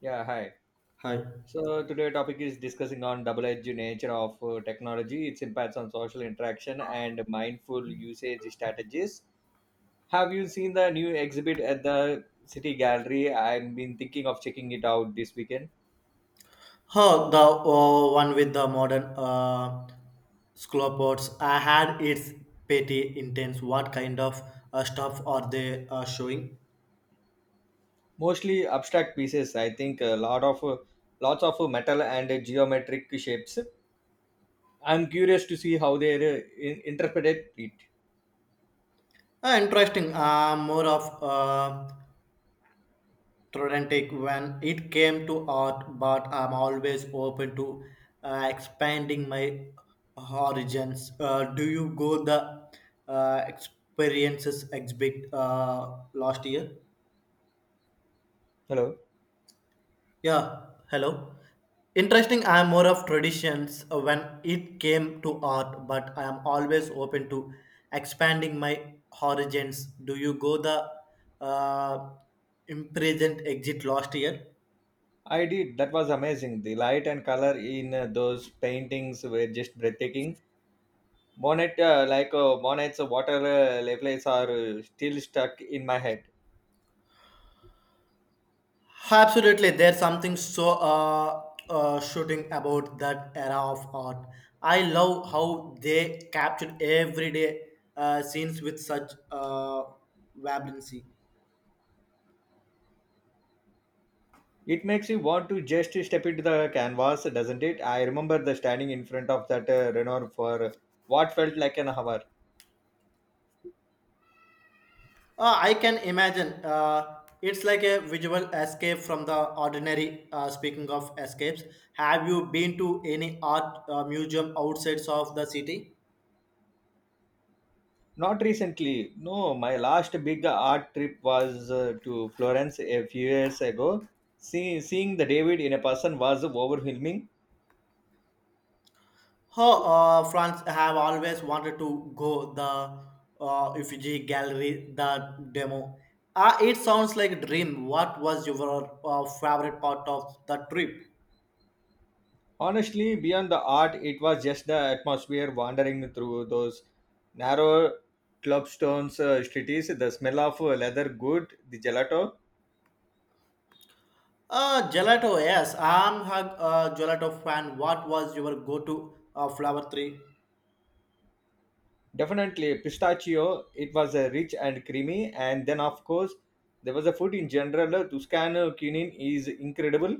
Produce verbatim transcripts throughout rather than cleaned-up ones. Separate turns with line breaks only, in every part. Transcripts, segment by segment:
Yeah, hi.
Hi.
So today topic is discussing on double-edged nature of uh, technology, its impacts on social interaction and mindful usage strategies. Have you seen the new exhibit at the City Gallery? I've been thinking of checking it out this weekend.
Oh, the uh, one with the modern uh, scallops. I had its petty intense. What kind of uh, stuff are they uh, showing?
Mostly abstract pieces, I think a lot of uh, lots of uh, metal and uh, geometric shapes. I'm curious to see how they uh, in- interpreted it.
Uh, interesting. Uh, more of uh, Trodentic when it came to art, but I'm always open to uh, expanding my horizons. Uh, do you go the uh, experiences exhibit uh, last year?
Hello.
Yeah, hello. Interesting, I am more of traditions uh, when it came to art, but I am always open to expanding my horizons. Do you go the uh, imprisoned exit last year?
I did. That was amazing. The light and color in uh, those paintings were just breathtaking Bonnet, uh, like uh, Bonnet's water uh, levels are uh, still stuck in my head.
Absolutely, there's something so uh, uh, shooting about that era of art. I love how they captured everyday uh, scenes with such uh, vibrancy.
It makes you want to just step into the canvas, doesn't it? I remember the standing in front of that uh, Renoir for what felt like an hour.
Uh, I can imagine. Uh, it's like a visual escape from the ordinary. Uh, speaking of escapes, have you been to any art uh, museum outside of the city?
Not recently. No, my last big art trip was uh, to Florence a few years ago. See, seeing the David in a person was overwhelming.
Oh, uh, France have always wanted to go the uh, Uffizi Gallery, the demo. Uh, it sounds like a dream. What was your uh, favorite part of the trip?
Honestly, beyond the art, it was just the atmosphere wandering through those narrow clubstones uh, streets, the smell of uh, leather good, the gelato.
Uh, gelato, yes. I'm a uh, gelato fan. What was your go-to uh, flower tree?
Definitely pistachio, it was uh, rich and creamy. And then, of course, there was a food in general. uh, Tuscan cuisine is incredible.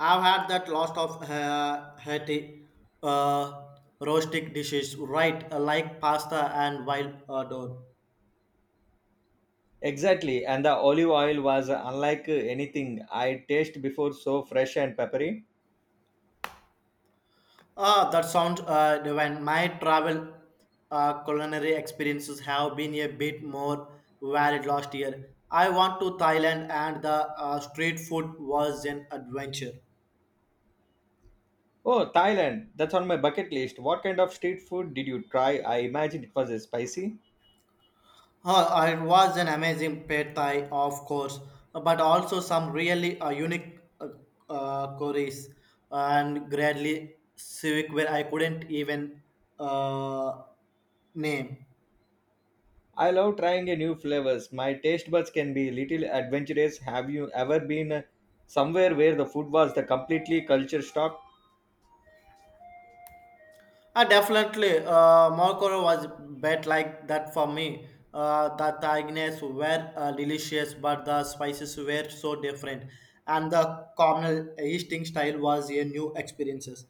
I've had that lot of uh, hearty uh, roastic dishes, right? uh, Like pasta and wild uh, dough.
Exactly. And the olive oil was uh, unlike uh, anything I tasted before, so fresh and peppery.
Ah, that sounds uh, divine. My travel uh, culinary experiences have been a bit more varied last year. I went to Thailand and the uh, street food was an adventure.
Oh, Thailand, that's on my bucket list. What kind of street food did you try? I imagine it was uh, spicy.
Uh, it was an amazing pad thai, of course, but also some really uh, unique uh, uh, curries and gradly civic where I couldn't even uh, name.
I love trying a new flavors. My taste buds can be little adventurous. Have you ever been somewhere where the food was the completely culture shock?
Uh, definitely, uh, Morocco was bad like that for me. Uh, the tagines were uh, delicious, but the spices were so different, and the communal eating style was a new experiences.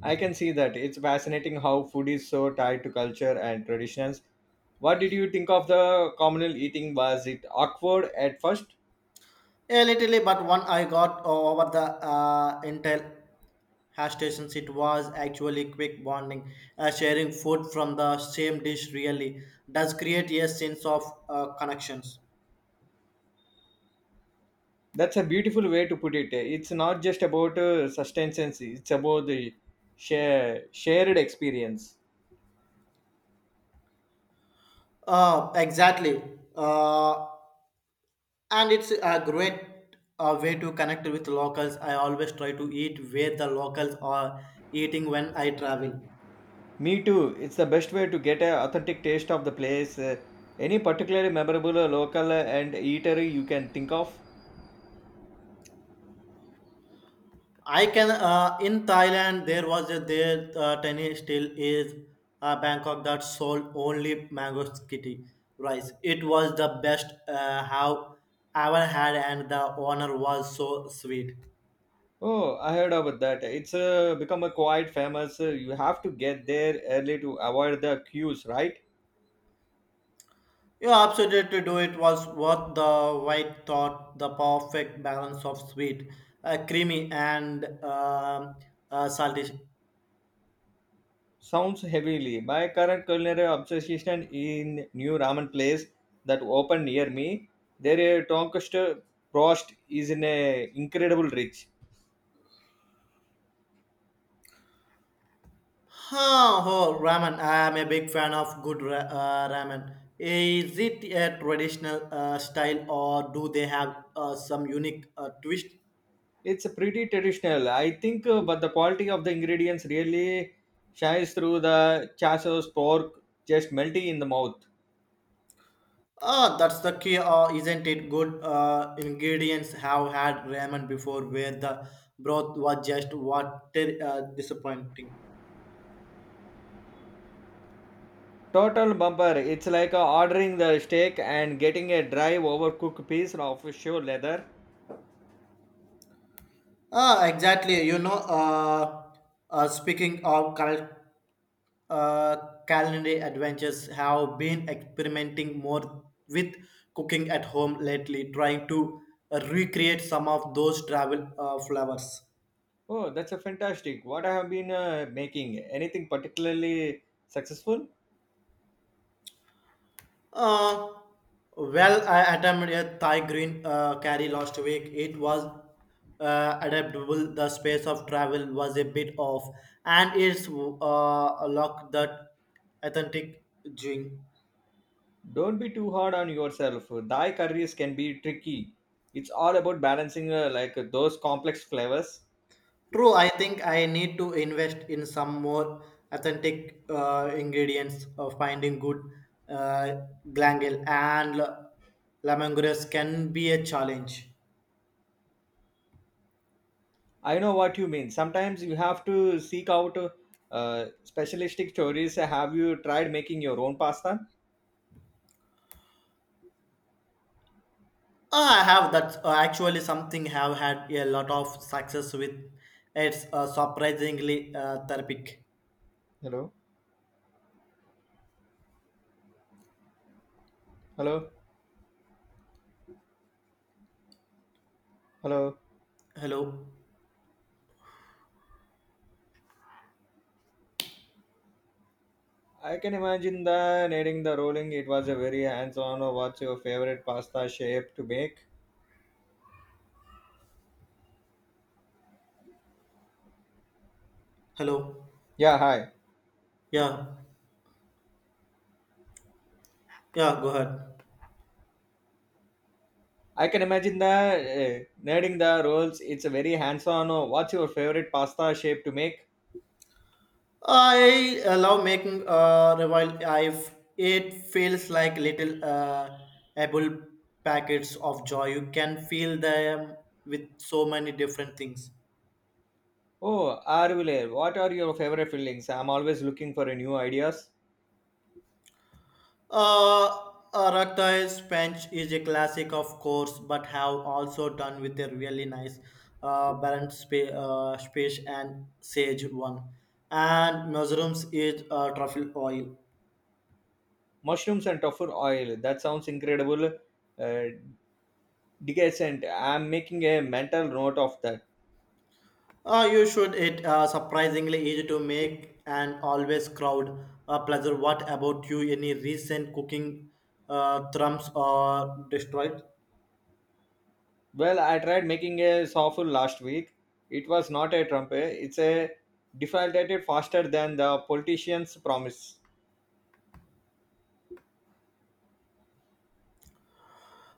I can see that. It's fascinating how food is so tied to culture and traditions. What did you think of the communal eating? Was it awkward at first?
A little, but one I got over the uh, Intel hash stations. It was actually quick bonding. Uh, sharing food from the same dish really does create a sense of uh, connections.
That's a beautiful way to put it. It's not just about uh, sustenance, it's about the share, shared experience.
Uh, exactly. Uh, and it's a great uh, way to connect with locals. I always try to eat where the locals are eating when I travel.
Me too. It's the best way to get an authentic taste of the place. Uh, Any particularly memorable uh, local uh, and eatery you can think of?
I can uh, in Thailand there was a there uh, tiny still is uh, Bangkok that sold only mango kitty rice. It was the best uh, how ever had and the owner was so sweet.
Oh, I heard about that. It's uh, become a quite famous. uh, You have to get there early to avoid the queues, right?
You absolutely do it was worth the white thought the perfect balance of sweet, uh, creamy and um uh, salty.
Sounds heavily. My current culinary obsession in new ramen place that opened near me. Their uh, tonkatsu broast is in a incredible rich.
Huh, oh, ramen. I am a big fan of good ra- uh, ramen. Is it a traditional uh, style or do they have uh, some unique uh, twist?
It's pretty traditional, I think, uh, but the quality of the ingredients really shines through the chassos pork just melting in the mouth.
Ah, that's the key, uh, isn't it? Good uh, ingredients have had ramen before where the broth was just water uh, disappointing.
Total bumper. It's like uh, ordering the steak and getting a dry, overcooked piece of show leather.
Ah, exactly. You know, uh, uh, speaking of cal- uh, culinary adventures, have been experimenting more with cooking at home lately, trying to uh, recreate some of those travel uh, flavors.
Oh, that's a fantastic. What I have been uh, making? Anything particularly successful?
Uh, well, I attempted a Thai green uh, curry last week. It was uh, adaptable. The space of travel was a bit off, and it's uh, a lock that authentic drink.
Don't be too hard on yourself. Thai curries can be tricky. It's all about balancing uh, like those complex flavors.
True, I think I need to invest in some more authentic uh, ingredients of finding good uh, glangal and l- lemongrass can be a challenge.
I know what you mean. Sometimes you have to seek out uh, specialistic stories. Have you tried making your own pasta?
Ah, I have that uh, actually something have had a lot of success with. It's uh, surprisingly uh, therapeutic.
Hello, hello, hello.
Hello,
I can imagine the needing the rolling. It was a very hands-on. What's your favorite pasta shape to make?
hello.
Yeah, hi.
Yeah, yeah. Go ahead.
I can imagine the uh, needing the rolls. It's a very hands-on. What's your favorite pasta shape to make?
I uh, love making uh, revival. I've it feels like little uh, apple packets of joy. You can feel them with so many different things.
Oh, Arvile, what are your favorite fillings? I'm always looking for a new ideas.
Uh, Arakta's Punch is a classic, of course, but have also done with a really nice uh, balanced spa- uh, space and sage one. And mushrooms is uh, truffle oil.
Mushrooms and tofu oil. That sounds incredible. Uh, decent. I'm making a mental note of that.
Uh, you should. It uh, surprisingly easy to make and always crowd a pleasure. What about you? Any recent cooking uh, thrums or destroyed? Uh,
Well, I tried making a sofu last week. It was not a trumpet. It's a defaulted faster than the politicians promise.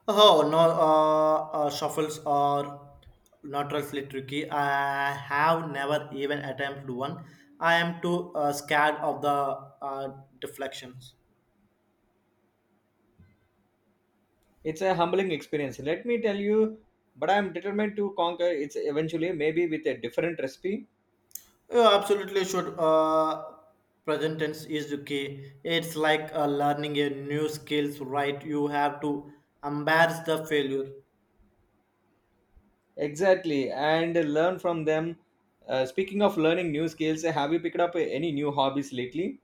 Oh no, uh, uh, shuffles are notoriously tricky. I have never even attempted one. I am too uh, scared of the uh, deflections.
It's a humbling experience. Let me tell you, but I'm determined to conquer it eventually, maybe with a different recipe.
Yeah, absolutely should. Uh, present tense is the key. It's like uh, learning a new skills, right? You have to embrace the failure.
Exactly, and learn from them. Uh, speaking of learning new skills, have you picked up any new hobbies lately?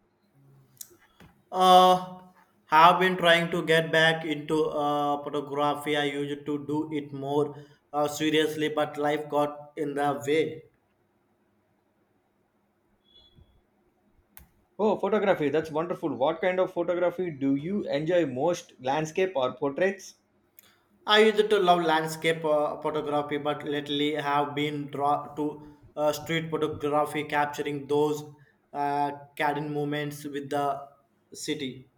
Uh, have been trying to get back into uh, photography. I used to do it more uh, seriously, but life got in the way.
Oh, photography. That's wonderful. What kind of photography do you enjoy most? Landscape or portraits?
I used to love landscape uh, photography, but lately have been draw to uh, street photography, capturing those uh, cadent moments with the city.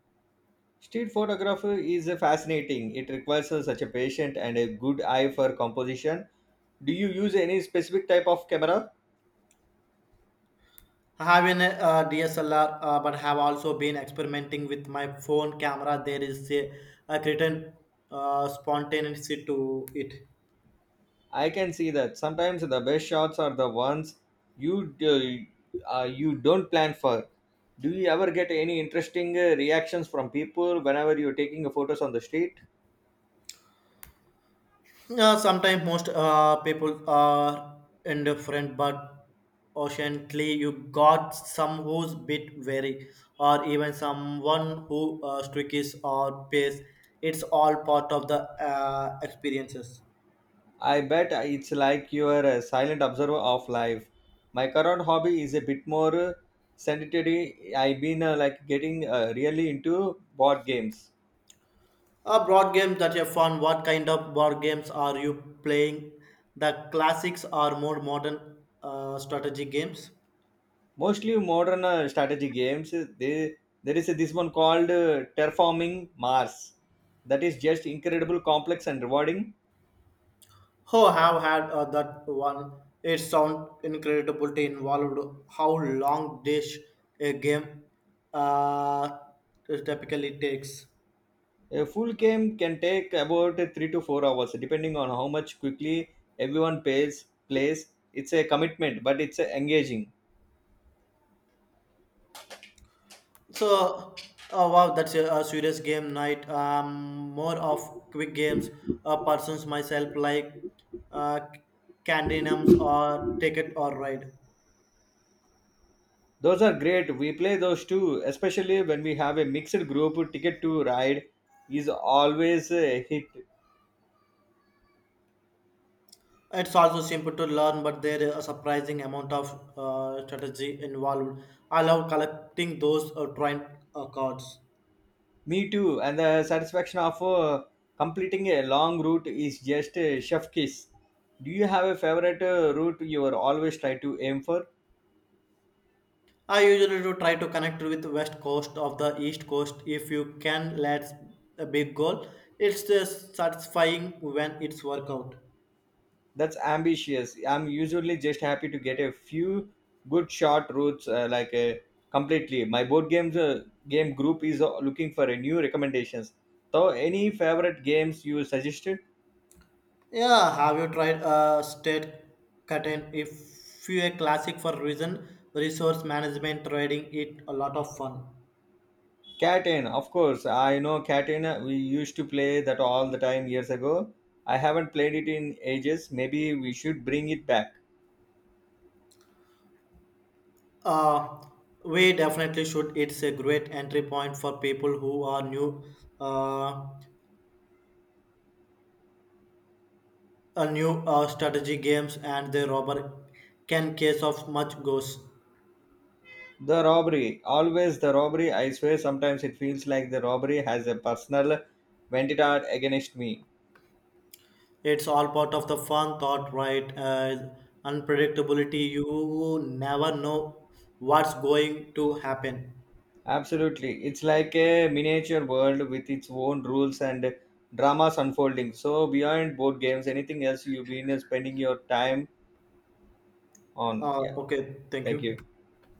Street photography is fascinating. It requires such a patient and a good eye for composition. Do you use any specific type of camera?
I have an uh, D S L R, uh, but have also been experimenting with my phone camera. There is a, a certain uh, spontaneity to it.
I can see that. Sometimes the best shots are the ones you d- uh, you don't plan for. Do you ever get any interesting uh, reactions from people whenever you're taking photos on the street?
Uh, sometimes most uh, people are indifferent, but occasionally you got some who's bit wary, or even someone who uh, streaks or pays. It's all part of the uh, experiences.
I bet it's like you're a silent observer of life. My current hobby is a bit more uh, sedentary. I've been uh, like getting uh, really into board games,
A board games that you fun. What kind of board games are you playing? The classics or more modern uh, strategy games?
mostly modern uh, strategy games. They, there is this one called uh, Terraforming Mars. That is just incredible, complex, and rewarding.
Oh, have had uh, that one. It sound incredible to involved. How long dish a game uh, typically takes.
A full game can take about uh, three to four hours, depending on how much quickly everyone pays, plays. It's a commitment, but it's uh, engaging.
So, oh wow, that's a, a serious game night. Um, more of quick games. Uh, persons myself like uh, Candy Nums or Ticket or Ride.
Those are great. We play those too, especially when we have a mixed group. Ticket to Ride is always a hit.
It's also simple to learn, but there is a surprising amount of uh, strategy involved. I love collecting those uh, trine uh, cards.
Me too. And the satisfaction of uh, completing a long route is just a chef kiss. Do you have a favorite uh, route you are always try to aim for?
I usually do try to connect with the west coast of the east coast if you can. That's a big goal. It's just satisfying when it's work out.
That's ambitious. I'm usually just happy to get a few good short routes uh, like uh, completely. My board games uh, game group is uh, looking for a new recommendations. So any favorite games you suggested?
Yeah, have you tried uh, state curtain? If you a classic for reason, resource management trading, it a lot of fun.
Catan, of course. I know Catan. We used to play that all the time years ago. I haven't played it in ages. Maybe we should bring it back.
Uh, we definitely should. It's a great entry point for people who are new, uh, a new uh, strategy games, and the robber can case of much goes.
The robbery, always the robbery. I swear, sometimes it feels like the robbery has a personal vendetta against me.
It's all part of the fun thought, right? Uh, unpredictability. You never know what's going to happen.
Absolutely, it's like a miniature world with its own rules and dramas unfolding. So beyond board games, anything else you've been spending your time on?
Uh,
Yeah,
okay, thank
thank
you.
you.